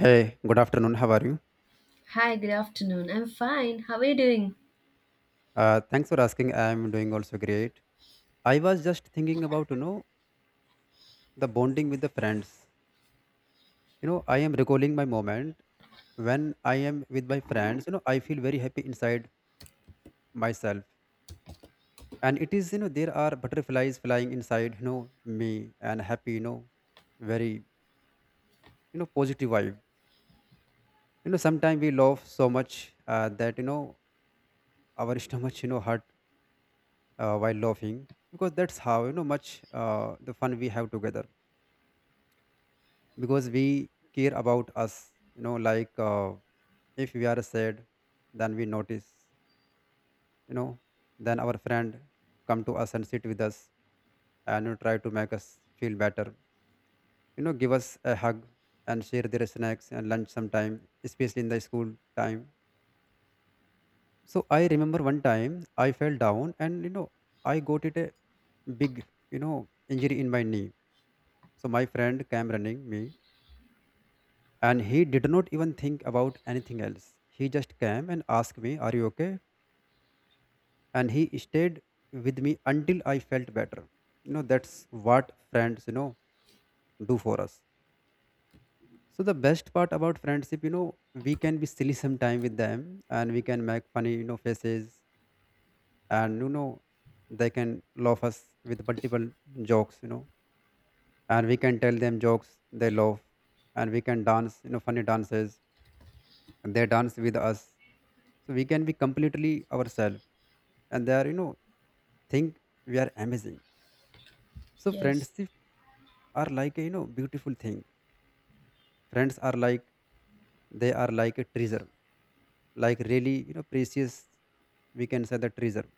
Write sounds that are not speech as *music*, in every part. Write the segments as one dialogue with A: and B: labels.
A: Hey, good afternoon. How are you?
B: Hi, good afternoon. I'm fine. How are you doing?
A: Thanks for asking. I'm doing also great. I was just thinking about, the bonding with the friends. I am recalling my moment when I am with my friends. I feel very happy inside myself. And it is, there are butterflies flying inside, me, and happy, very, positive vibe. Sometimes we laugh so much that, our *laughs* stomach, hurt while laughing, because that's how, much the fun we have together, because we care about us, like, if we are sad, then we notice, you know then our friend come to us and sit with us, and, try to make us feel better, give us a hug, and share their snacks and lunch sometime, especially in the school time. So I remember one time, I fell down, and I got it a big, you know injury in my knee. So my friend came running me, and he did not even think about anything else. He just came and asked me, "Are you okay?" And he stayed with me until I felt better. That's what friends, do for us. So the best part about friendship, we can be silly sometime with them, and we can make funny, faces, and they can laugh us with multiple jokes. And we can tell them jokes, they laugh, and we can dance, funny dances, they dance with us. So we can be completely ourselves, and they are think we are amazing. So
B: Yes,
A: friendship are like a beautiful thing. Friends are like, they are like a treasure, like really precious. We can say the treasure,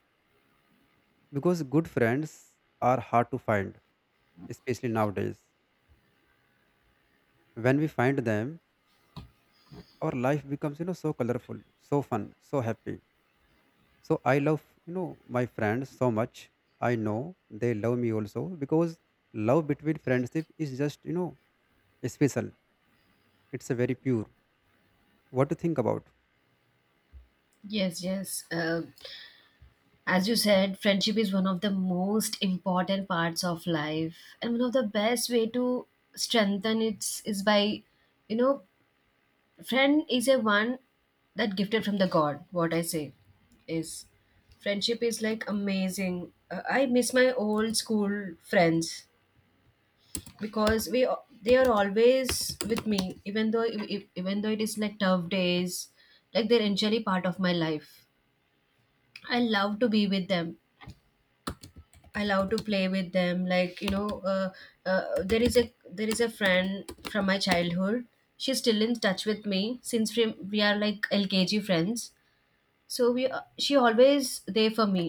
A: because good friends are hard to find, especially nowadays. When we find them, our life becomes so colorful, so fun, so happy. So I love, my friends so much. I know they love me also, because love between friendship is just, special. It's a very pure. What to think about?
B: yes, yes. Uh, as you said, friendship is one of the most important parts of life, and one of the best way to strengthen it is by, you know, friend is a one that gifted from the God. What I say is, friendship is like amazing. I miss my old school friends because we they are always with me even though even though it is like tough days like they're actually part of my life. I love to be with them. I love to play with them, like, you know. uh, there is a friend from my childhood. She's still in touch with me since we are like lkg friends, so we she always there for me.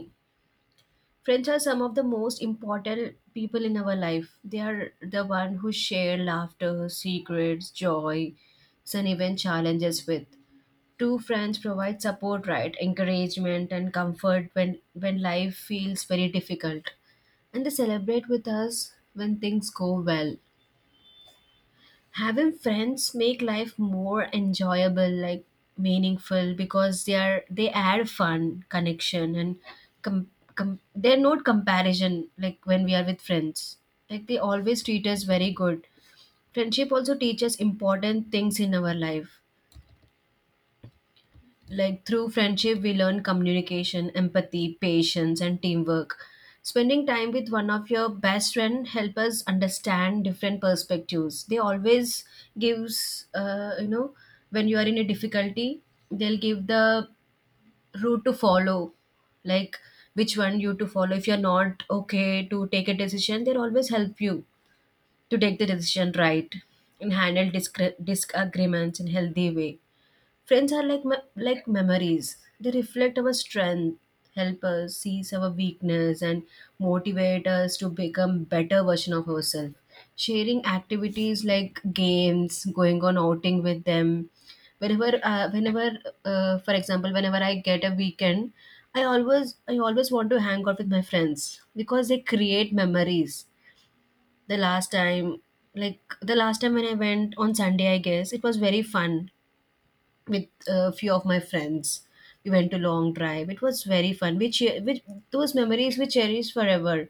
B: Friends are some of the most important people in our life. They are the one who share laughter, secrets, joy, and even challenges with. True friends provide support, right? Encouragement and comfort when, life feels very difficult. And they celebrate with us when things go well. Having friends make life more enjoyable, like meaningful, because they add fun connection and com- they're not comparison. Like, when we are with friends, like, they always treat us very good. Friendship also teaches important things in our life. Like, through friendship we learn communication, empathy, patience, and teamwork. Spending time with one of your best friend help us understand different perspectives. They always gives, you know, when you are in a difficulty, they'll give the route to follow, like which one you to follow. If you're not okay to take a decision, they'll always help you to take the decision, right? And handle disagreements in healthy way. Friends are like like memories. They reflect our strength, help us see our weakness, and motivate us to become better version of ourselves. Sharing activities like games, going on outing with them, whenever whenever for example, whenever I get a weekend, I always want to hang out with my friends because they create memories. The last time the last time when I went on Sunday, I guess it was very fun with a few of my friends. We went to long drive. It was very fun. We which those memories we cherish forever.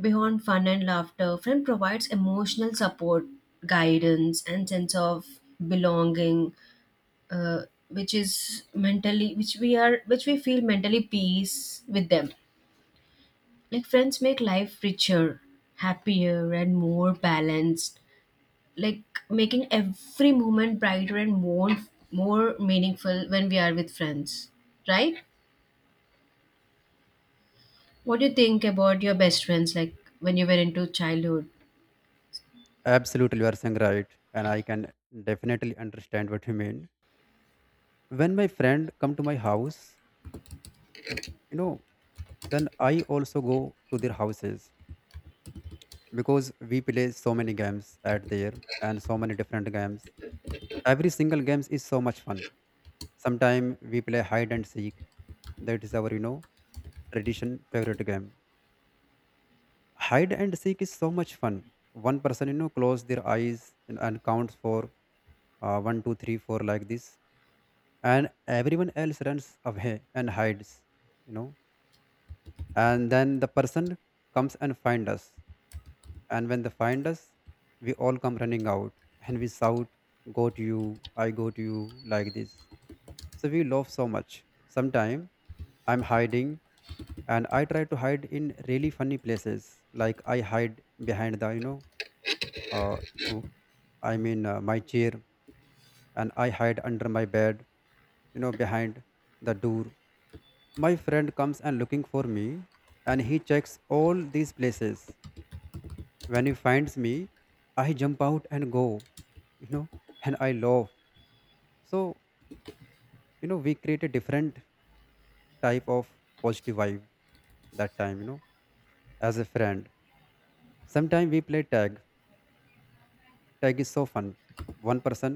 B: Beyond fun and laughter, friend provides emotional support, guidance, and sense of belonging, uh, which is mentally, which we are which we feel mentally peace with them. Like, friends make life richer, happier, and more balanced, like making every moment brighter and more meaningful when we are with friends, right? What do you think about your best friends, like when you were into childhood?
A: Absolutely, you are saying right, and I can definitely understand what you mean. When my friend come to my house, uh, you know, then I also go to their houses, because we play so many games at there, and so many different games. Every single games is so much fun. Sometimes we play hide and seek. That is our, tradition favorite game. Hide and seek is so much fun. One person, close their eyes, and counts for one, two, three, four like this, and everyone else runs away and hides, you know. And then the person comes and find us, and when they find us, we all come running out and we shout, "Got you! I got you!" like this. So we laugh so much. Sometime I'm hiding and I try to hide in really funny places. Like I hide behind the, uh, w- I mean, my chair, and I hide under my bed, behind the door. My friend comes and looking for me, and he checks all these places. When he finds me, I jump out and go, you know, and I laugh. So we create a different type of positive vibe that time, as a friend. Sometimes we play tag. Tag is so fun. One person,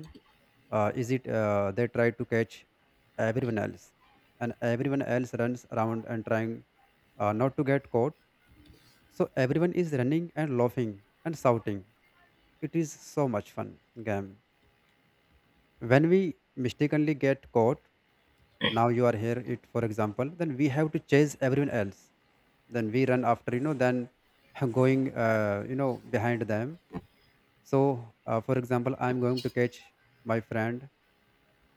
A: is it they try to catch everyone else, and everyone else runs around and trying not to get caught. So everyone is running and laughing and shouting. It is so much fun game. When we mistakenly get caught, now you are here it, for example, then we have to chase everyone else. Then we run after, then *laughs* going behind them. So for example, I'm going to catch my friend,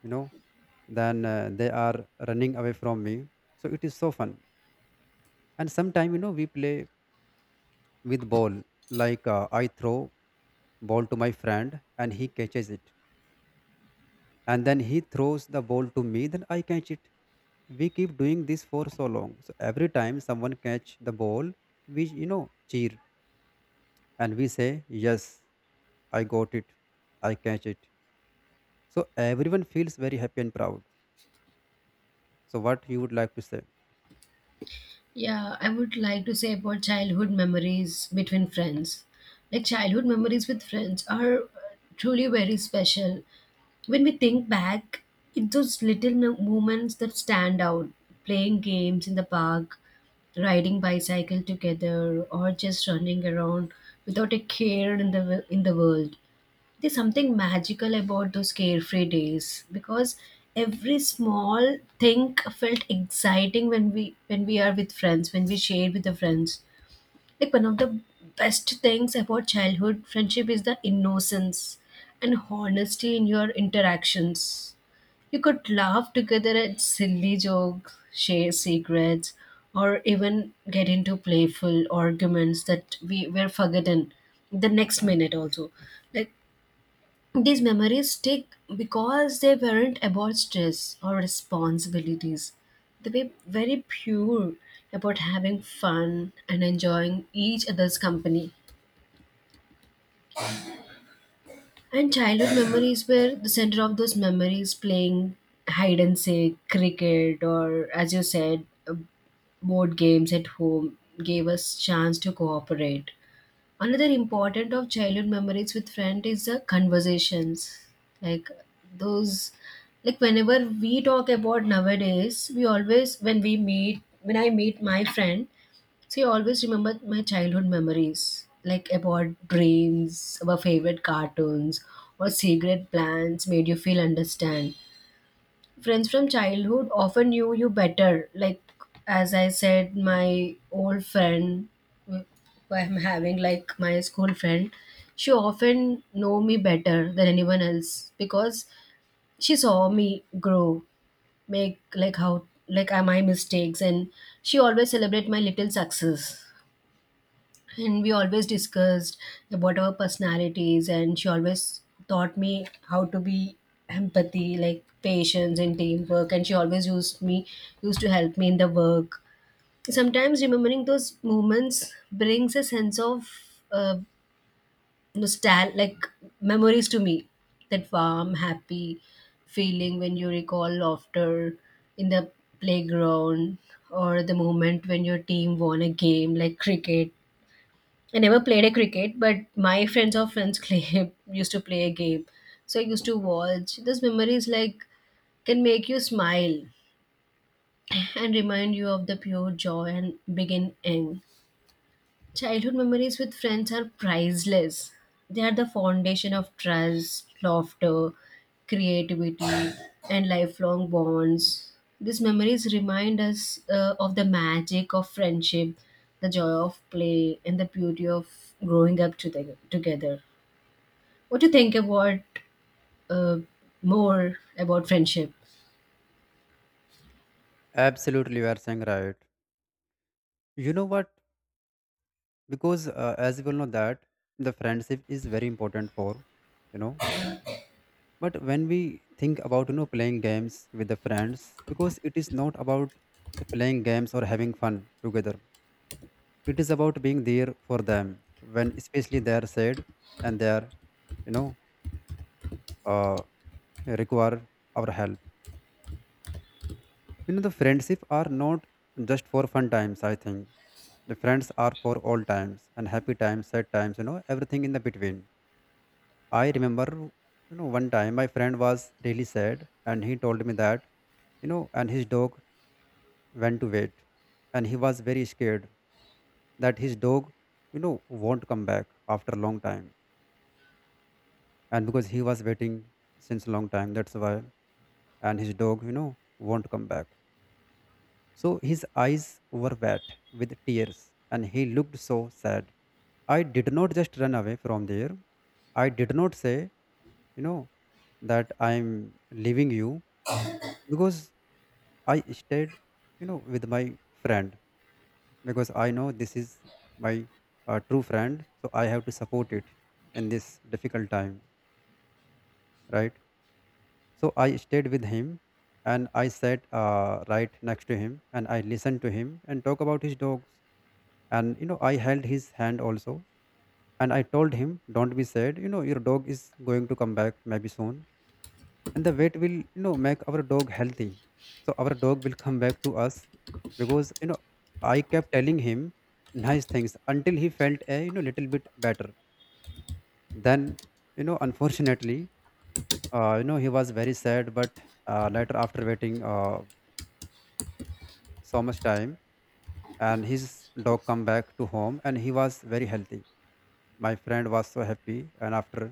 A: you know then they are running away from me. So it is so fun. And sometime we play with ball, like I throw ball to my friend and he catches it. And then he throws the ball to me, then I catch it. We keep doing this for so long, so every time someone catch the ball, we cheer, and we say yes, I got it, I catch it. So everyone feels very happy and proud. So what you would like to say?
B: Yeah, I would like to say about childhood memories between friends. Like, childhood memories with friends are, truly very special. When we think back, it's those little moments that stand out, playing games in the park, riding bicycle together, or just running around without a care in the, in the world. There's something magical about those carefree days because every small thing felt exciting when we are with friends, when we share with the friends. Like, one of the best things about childhood friendship is the innocence and honesty in your interactions. You could laugh together at silly jokes, share secrets, or even get into playful arguments that we were forgotten the next minute also. Like, these memories stick because they weren't about stress or responsibilities. They were very pure, about having fun and enjoying each other's company. And childhood *coughs* memories were the center of those memories, playing hide and seek, cricket, or as you said, board games at home, gave us chance to cooperate. Another important of childhood memories with friend is the conversations. Like, those, like, whenever we talk about nowadays, we always when we meet, when I meet my friend, see, I always remember my childhood memories, like about dreams, our favorite cartoons, or secret plans made you feel understand. Friends from childhood often knew you better. Like, as I said, my old friend, who I'm having, like my school friend, she often know me better than anyone else because she saw me grow, make like how, like, my mistakes, and she always celebrate my little success. And we always discussed about our personalities, and she always taught me how to be empathy, like patience and teamwork. And she always used to help me in the work. Sometimes remembering those moments brings a sense of, uh, nostalgia, like memories to me, that warm happy feeling when you recall laughter in the playground, or the moment when your team won a game, like cricket. I never played a cricket, but my friends or friends *laughs* play, used to play a game. So I used to watch. Those memories, like, can make you smile and remind you of the pure joy and begin end. Childhood memories with friends are priceless. They are the foundation of trust, laughter, creativity, and lifelong bonds. These memories remind us, of the magic of friendship, the joy of play, and the beauty of growing together. What do you think about, uh, more about friendship?
A: Absolutely, you are saying right. You know what? Because as you will know that the friendship is very important for, you know. But when we think about playing games with the friends, because it is not about the playing games or having fun together. It is about being there for them when, especially, they are sad, and they are, you know, uh, require our help. The friendship are not just for fun times, I think. The friends are for all times, and happy times, sad times, everything in the between. I remember, one time my friend was really sad, and he told me that, and his dog went to wait, and he was very scared that his dog, won't come back after a long time. And because he was waiting since long time, that's why. And his dog, won't come back. So his eyes were wet with tears, and he looked so sad. I did not just run away from there. I did not say, you know, that I'm leaving you, because I stayed, with my friend, because I know this is my true friend. So I have to support it in this difficult time, right? So I stayed with him, and I sat right next to him, and I listened to him and talk about his dogs, and I held his hand also, and I told him, don't be sad, your dog is going to come back maybe soon, and the vet will make our dog healthy, so our dog will come back to us, because I kept telling him nice things until he felt a little bit better. Then unfortunately, *laughs* he was very sad, but later, after waiting so much time, and his dog come back to home and he was very healthy. My friend was so happy, and after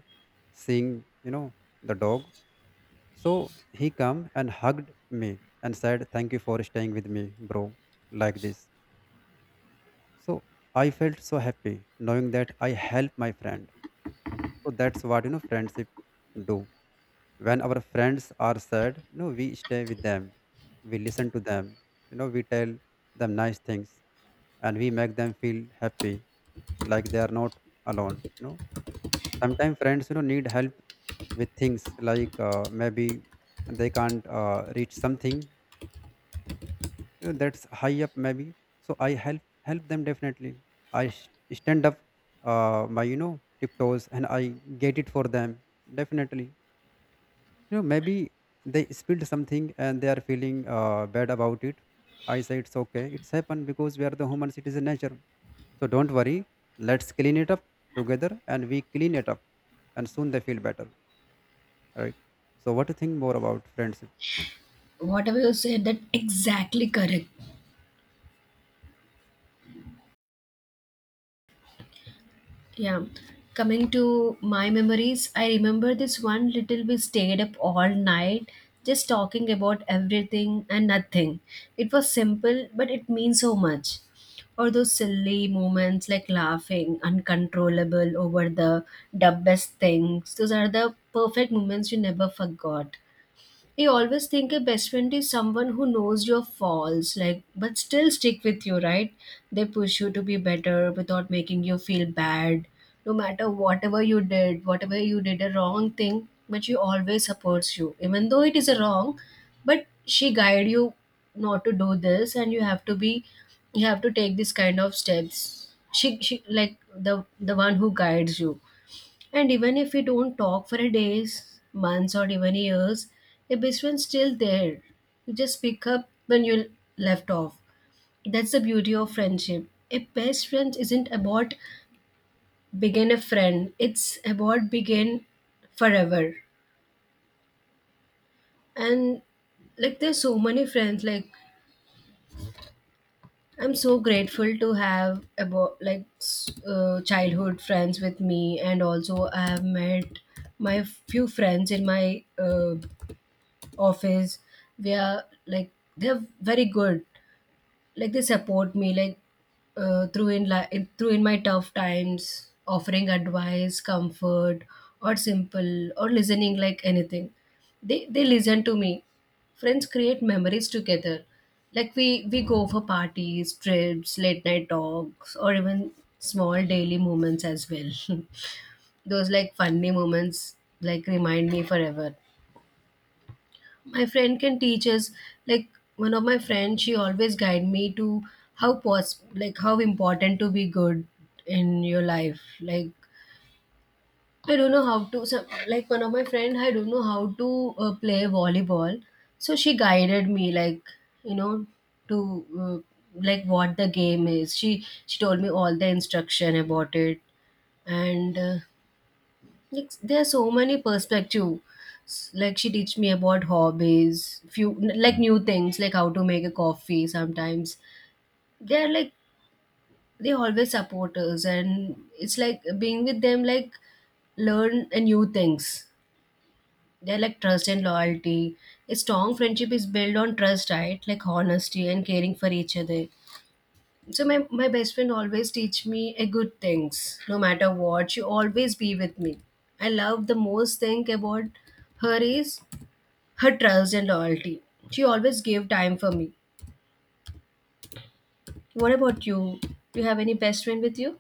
A: seeing the dog, so he come and hugged me and said, thank you for staying with me, bro, like this. So I felt so happy knowing that I helped my friend. So that's what friendship do. When our friends are sad, we stay with them, we listen to them, we tell them nice things, and we make them feel happy, like they are not alone. Sometimes friends, need help with things, like maybe they can't reach something, that's high up, maybe. So I help them definitely. I stand up my tiptoes, and I get it for them definitely. Maybe they spilled something, and they are feeling bad about it. I say it's okay. It's happened because we are the humans. It is a nature. So don't worry. Let's clean it up together, and we clean it up, and soon they feel better. Right. So what do you think more about friendship?
B: Whatever you said, that exactly correct. Yeah. Coming to my memories, I remember this one little we stayed up all night just talking about everything and nothing. It was simple, but it means so much. Or those silly moments like laughing uncontrollable over the dumbest things. Those are the perfect moments you never forgot. I always think a best friend is someone who knows your faults, like, but still stick with you, right? They push you to be better without making you feel bad. No matter whatever you did a wrong thing, but she always supports you, even though it is a wrong. But she guide you not to do this, and you have to be, you have to take this kind of steps. She like the one who guides you. And even if we don't talk for a days, months, or even years, the best friend's still there. You just pick up when you left off. That's the beauty of friendship. A best friend isn't about begin a friend. It's about begin forever. And, like, there's so many friends. Like, I'm so grateful to have about like childhood friends with me, and also I have met my few friends in my, office, where, like, they're very good. Like, they support me, like, through in through in my tough times, offering advice, comfort, or simple, or listening, like anything. They listen to me. Friends create memories together. Like, we go for parties, trips, late night talks, or even small daily moments as well. *laughs* Those like funny moments, like, remind me forever. My friend can teach us, like, one of my friends, she always guide me to how pos like how important to be good in your life. Like, I don't know how to some, like one of my friend, I don't know how to, play volleyball, so she guided me, like, you know, to like what the game is, she told me all the instruction about it, and, like there are so many perspective. Like, she teach me about hobbies, few, like new things, like how to make a coffee. Sometimes they're like they always support us, and it's like being with them, like learn a new things. They're like trust and loyalty. A strong friendship is built on trust, right? Like honesty and caring for each other. So my best friend always teach me a good things, no matter what she always be with me. I love the most thing about her is her trust and loyalty. She always gave time for me. What about you? Do you have any best friend with you?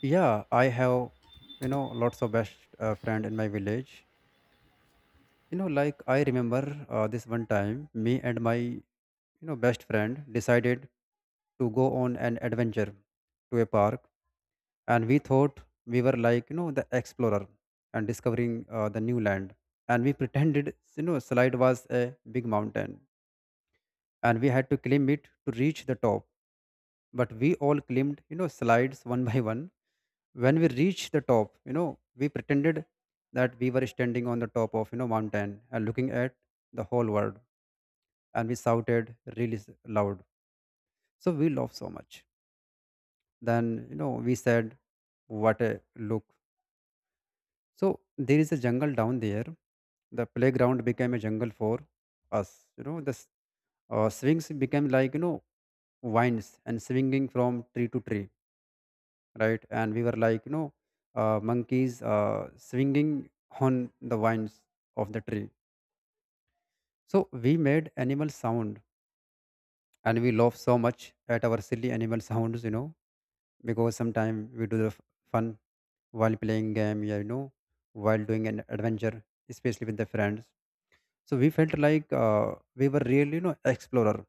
A: Yeah, I have lots of best friend in my village. Like I remember this one time me and my best friend decided to go on an adventure to a park, and we thought we were like the explorer and discovering the new land, and we *laughs* pretended slide was a big mountain, and we had to climb it to reach the top. But we all climbed slides one by one. When we reached the top, we pretended that we were standing on the top of mountain and looking at the whole world, and we shouted really loud. So we laughed so much. Then, we said, what a look. So there is a jungle down there. The playground became a jungle for us. The swings became like vines and swinging from tree to tree, right? And we were like, monkeys swinging on the vines of the tree. So we made animal sound, and we laugh so much at our silly animal sounds, because sometimes we do the fun while playing game, yeah, while doing an adventure, especially with the friends. So we felt like we were real, you know, explorer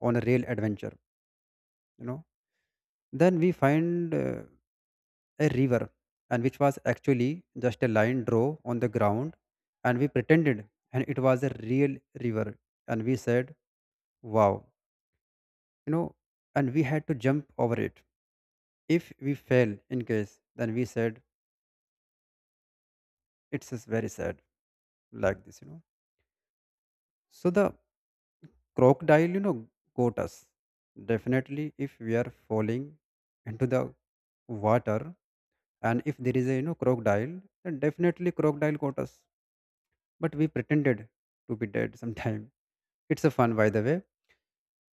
A: on a real adventure, you know Then we find a river, and which was actually just a line draw on the ground, and we pretended, and it was a real river, and we said, "Wow, you know," and we had to jump over it. If we fail in case, then we said, "It's just very sad," like this, you know. So the crocodile, you know, got us. Definitely, if we are falling into the water, and if there is a you know crocodile, then definitely crocodile got us. But we pretended to be dead sometime. *laughs* It's a fun, by the way.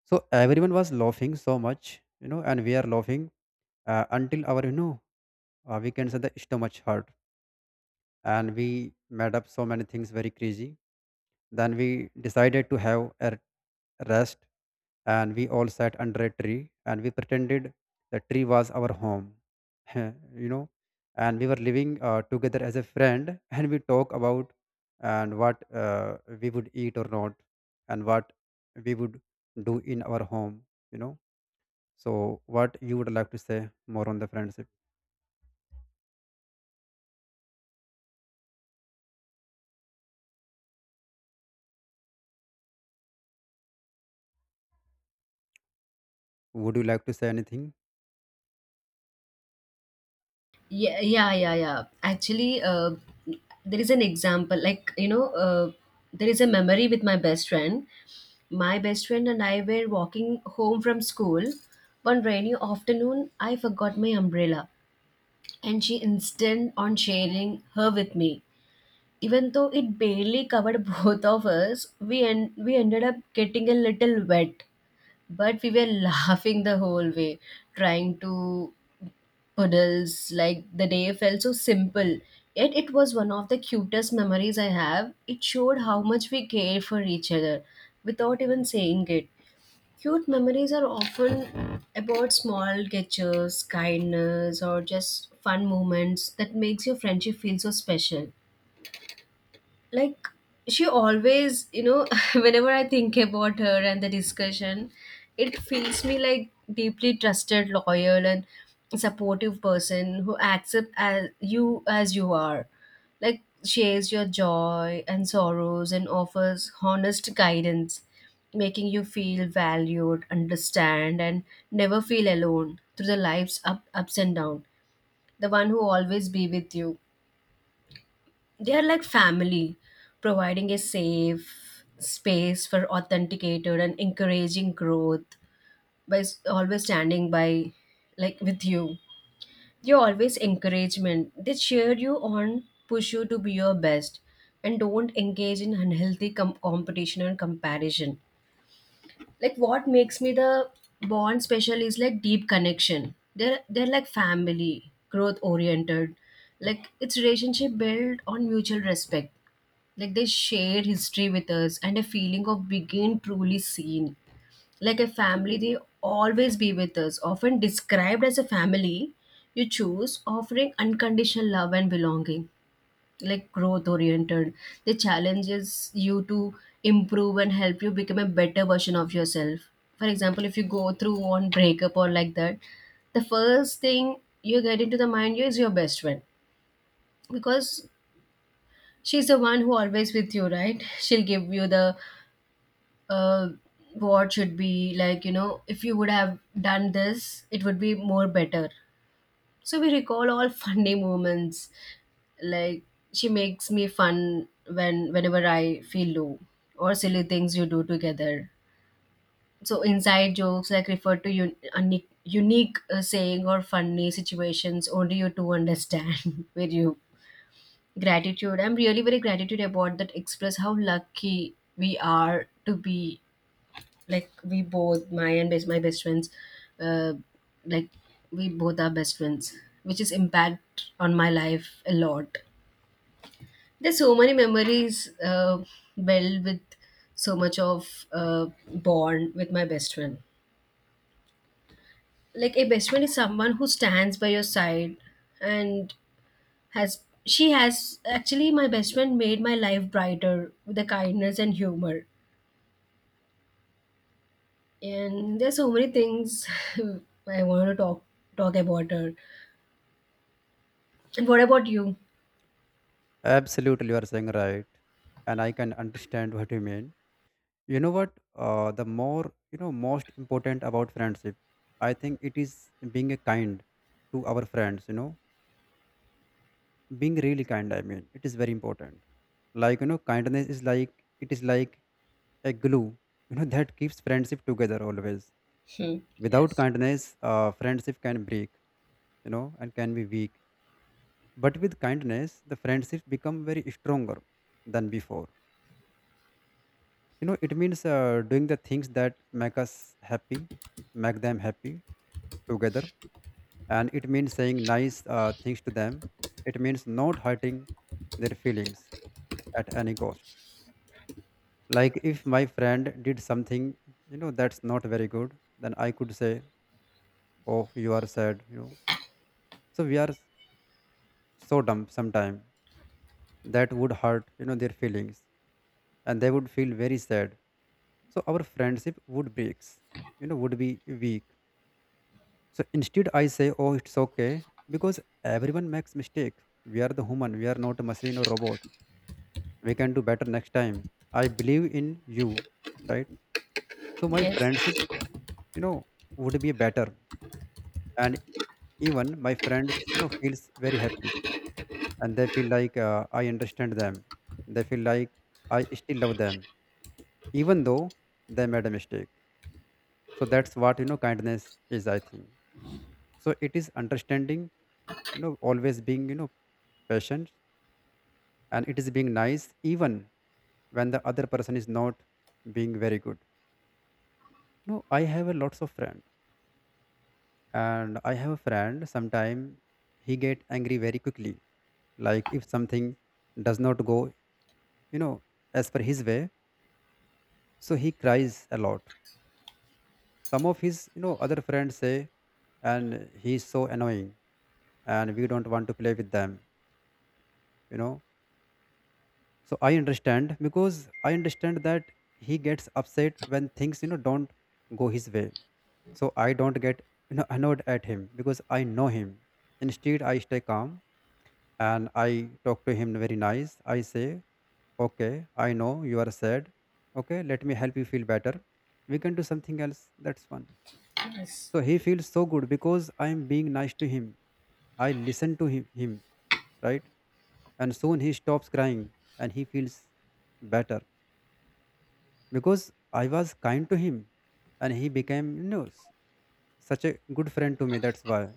A: So everyone was laughing so much, you know, and we are laughing until our, you know, we can say the stomach hurt, and we made up so many things very crazy. Then we decided to have a rest, and we all sat under a tree, and we pretended the tree was our home, *laughs* you know, and we were living together as a friend, *laughs* and we talk about and what we would eat or not, and what we would do in our home, you know. So what you would like to say more on the friendship? Would you like to say anything?
B: Yeah. Actually, there is an example, like, you know, there is a memory with my best friend. My best friend and I were walking home from school one rainy afternoon. I forgot my umbrella, and she insisted on sharing her with me. Even though it barely covered *laughs* both of us, we we ended up getting a little wet, but we were *laughs* laughing the whole way, trying to puddles. Like, the day felt so simple, yet it was one of the cutest memories I have. It showed how much we care for each other, without even saying it. Cute memories are often about small gestures, kindness, or just fun moments that makes your friendship feel so special like she always *laughs* whenever I think about her and the discussion it feels me like deeply trusted loyal and supportive person who accepts as you are like shares your joy and sorrows and offers honest guidance making you feel valued understand and never feel alone through the life's ups and downs. The one who always be with you, they are like family, providing a safe space for authenticated and encouraging growth by always standing by, like with you. You're always encouragement. They cheer you on, push you to be your best, and don't engage in unhealthy competition and comparison, like what makes me the bond special is like deep connection. They're like family, growth oriented, like it's relationship built on mutual respect, like they share history with us and a feeling of being truly seen, like a family. They always be with us, often described as a family you choose, offering unconditional love and belonging, like growth oriented. They challenges you to improve and help you become a better version of yourself. For example, if you go through one breakup or like that, the first thing you get into the mind is your best friend, because she's the one who always with you, right? She'll give you the uh, what should be like if you would have done this, it would be more better. So we recall all *laughs* funny moments. Like she makes me fun whenever I feel low, or silly things you do together. So inside jokes like refer to unique saying or funny situations only you two understand. *laughs* With you gratitude, I'm really very gratitude about that. Express how lucky we are to be, like we both my best friends, uh, like we both are best friends, which is impact on my life a lot. There's so many memories built with so much of bond with my best friend, like a best friend is someone who stands by your side. And has she has actually my best friend made my life brighter with the kindness and humor, and there's so many things *laughs* I want to talk about her. And what about you?
A: Absolutely, you are saying right, and I can understand what you mean. You know what? The more you know, most important about friendship, I think it is being a kind to our friends. You know, being really kind. I mean, it is very important. Like you know, kindness is like it is like a glue. You know, *laughs* that keeps friendship together always.
B: Hmm.
A: Without
B: Yes.
A: kindness, friendship can break. You know, and can be weak. But with kindness, the friendship become very stronger than before. You know it means doing the things that make us happy, make them happy together, and it means saying nice things to them. It means not hurting their feelings at any cost. Like if my friend did something you know that's not very good, then I could say, oh, you are sad, you know, so we are so dumb sometime. That would hurt you know their feelings, and they would feel very sad, so our friendship would breaks, you know, would be weak. So instead, I say, "Oh, it's okay," because everyone makes mistake. We are the human. We are not a machine or robot. We can do better next time. I believe in you, right? So my
B: Yes.
A: friendship, you know, would be better, and even my friends, you know, feels very happy, and they feel like I understand them. They feel like I still love them, even though they made a mistake. So that's what you know kindness is, I think. So it is understanding, you know, always being, you know, patient, and it is being nice even when the other person is not being very good. No, I have a lots of friend, and I have a friend sometime he get angry very quickly. Like if something does not go you know as per his way, so he cries a lot. Some of his you know other friends say and he's so annoying, and we don't want to play with them, you know. So I understand because I understand that he gets upset when things you know don't go his way. So I don't get you know annoyed at him because I know him. Instead I stay calm, and I talk to him very nice. I say, okay, I know you are sad, okay, let me help you feel better. We can do something else that's fun.
B: Yes.
A: So he feels so good because I am being nice to him. I listen to him, right, and soon he stops crying, and he feels better because I was kind to him, and he became you know such a good friend to me, that's why.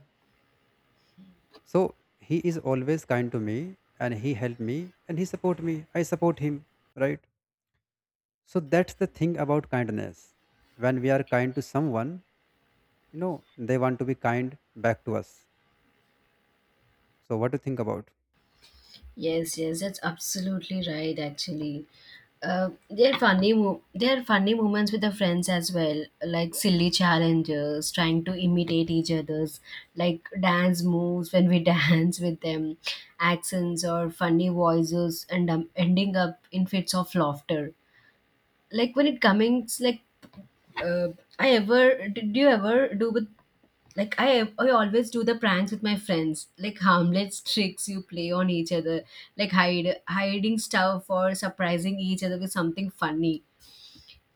A: So he is always kind to me, and he helped me, and he support me, I support him, right. So that's the thing about kindness. When we are kind to someone, you know, they want to be kind back to us. So what do you think about?
B: Yes. Yes. That's absolutely right. Actually, they're funny. They're funny moments with the friends as well, like silly challenges, trying to imitate each other's like dance moves when we *laughs* dance with them, accents or funny voices, and ending up in fits of laughter. Like when it comes, like uh, I ever did you ever do with, like I always do the pranks with my friends, like harmless tricks you play on each other, like hide hiding stuff or surprising each other with something funny,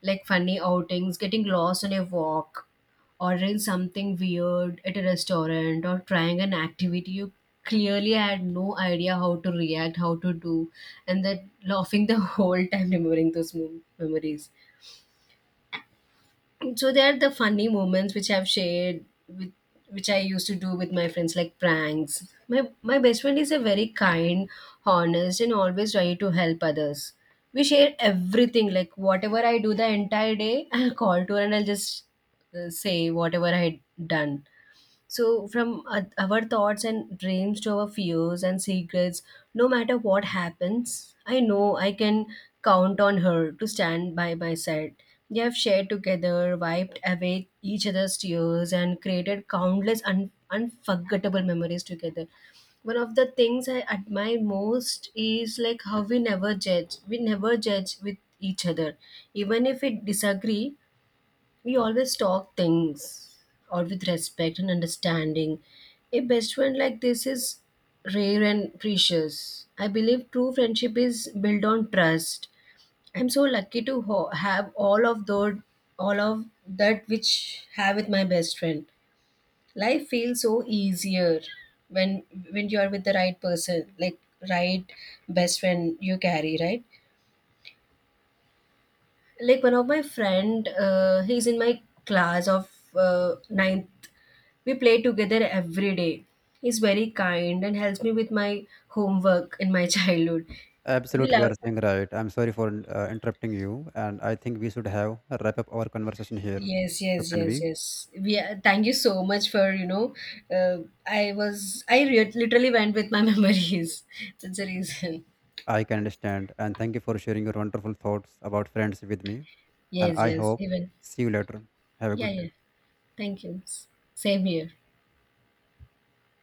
B: like funny outings, getting lost on a walk, ordering something weird at a restaurant, or trying an activity you clearly had no idea how to do, and then laughing the *laughs* whole time remembering those memories. So there are the funny moments which I've shared with, which I used to do with my friends, like pranks. My best friend is a very kind, honest and always ready to help others. We share everything like whatever I do the entire day, *laughs* I'll call to her and I'll just say whatever I had done. So, from our thoughts and dreams to our fears and secrets, no matter what happens, I know I can count on her to stand by my side. They have shared together, wiped away each other's tears, and created countless unforgettable memories together. One of the things I admire most is like how we never judge. We never judge with each other. Even if we disagree, we always talk things or with respect and understanding. A best friend like this is rare and precious. I believe true friendship is built on trust. I'm so lucky to have all of those, all of that which have with my best friend. Life feels so easier when when you are with the right person, like right best friend you carry, right? Like one of my friend, he's in my class of ninth. We play together every day. He's very kind and helps me with my homework in my *laughs* childhood. We
A: Absolutely, you
B: love.
A: are saying right. I'm sorry for interrupting you, and I think we should have a wrap up our conversation here.
B: Yes,
A: So
B: yes,
A: can
B: yes,
A: we?
B: yes. We are, thank you so much for I was literally went with my *laughs* memories. That's the reason.
A: I can understand. And thank you for sharing your wonderful thoughts about friends with me. And
B: Yes,
A: I
B: yes.
A: hope
B: Even
A: see you later. Have a
B: yeah,
A: good day.
B: yeah. Thank you. Same here.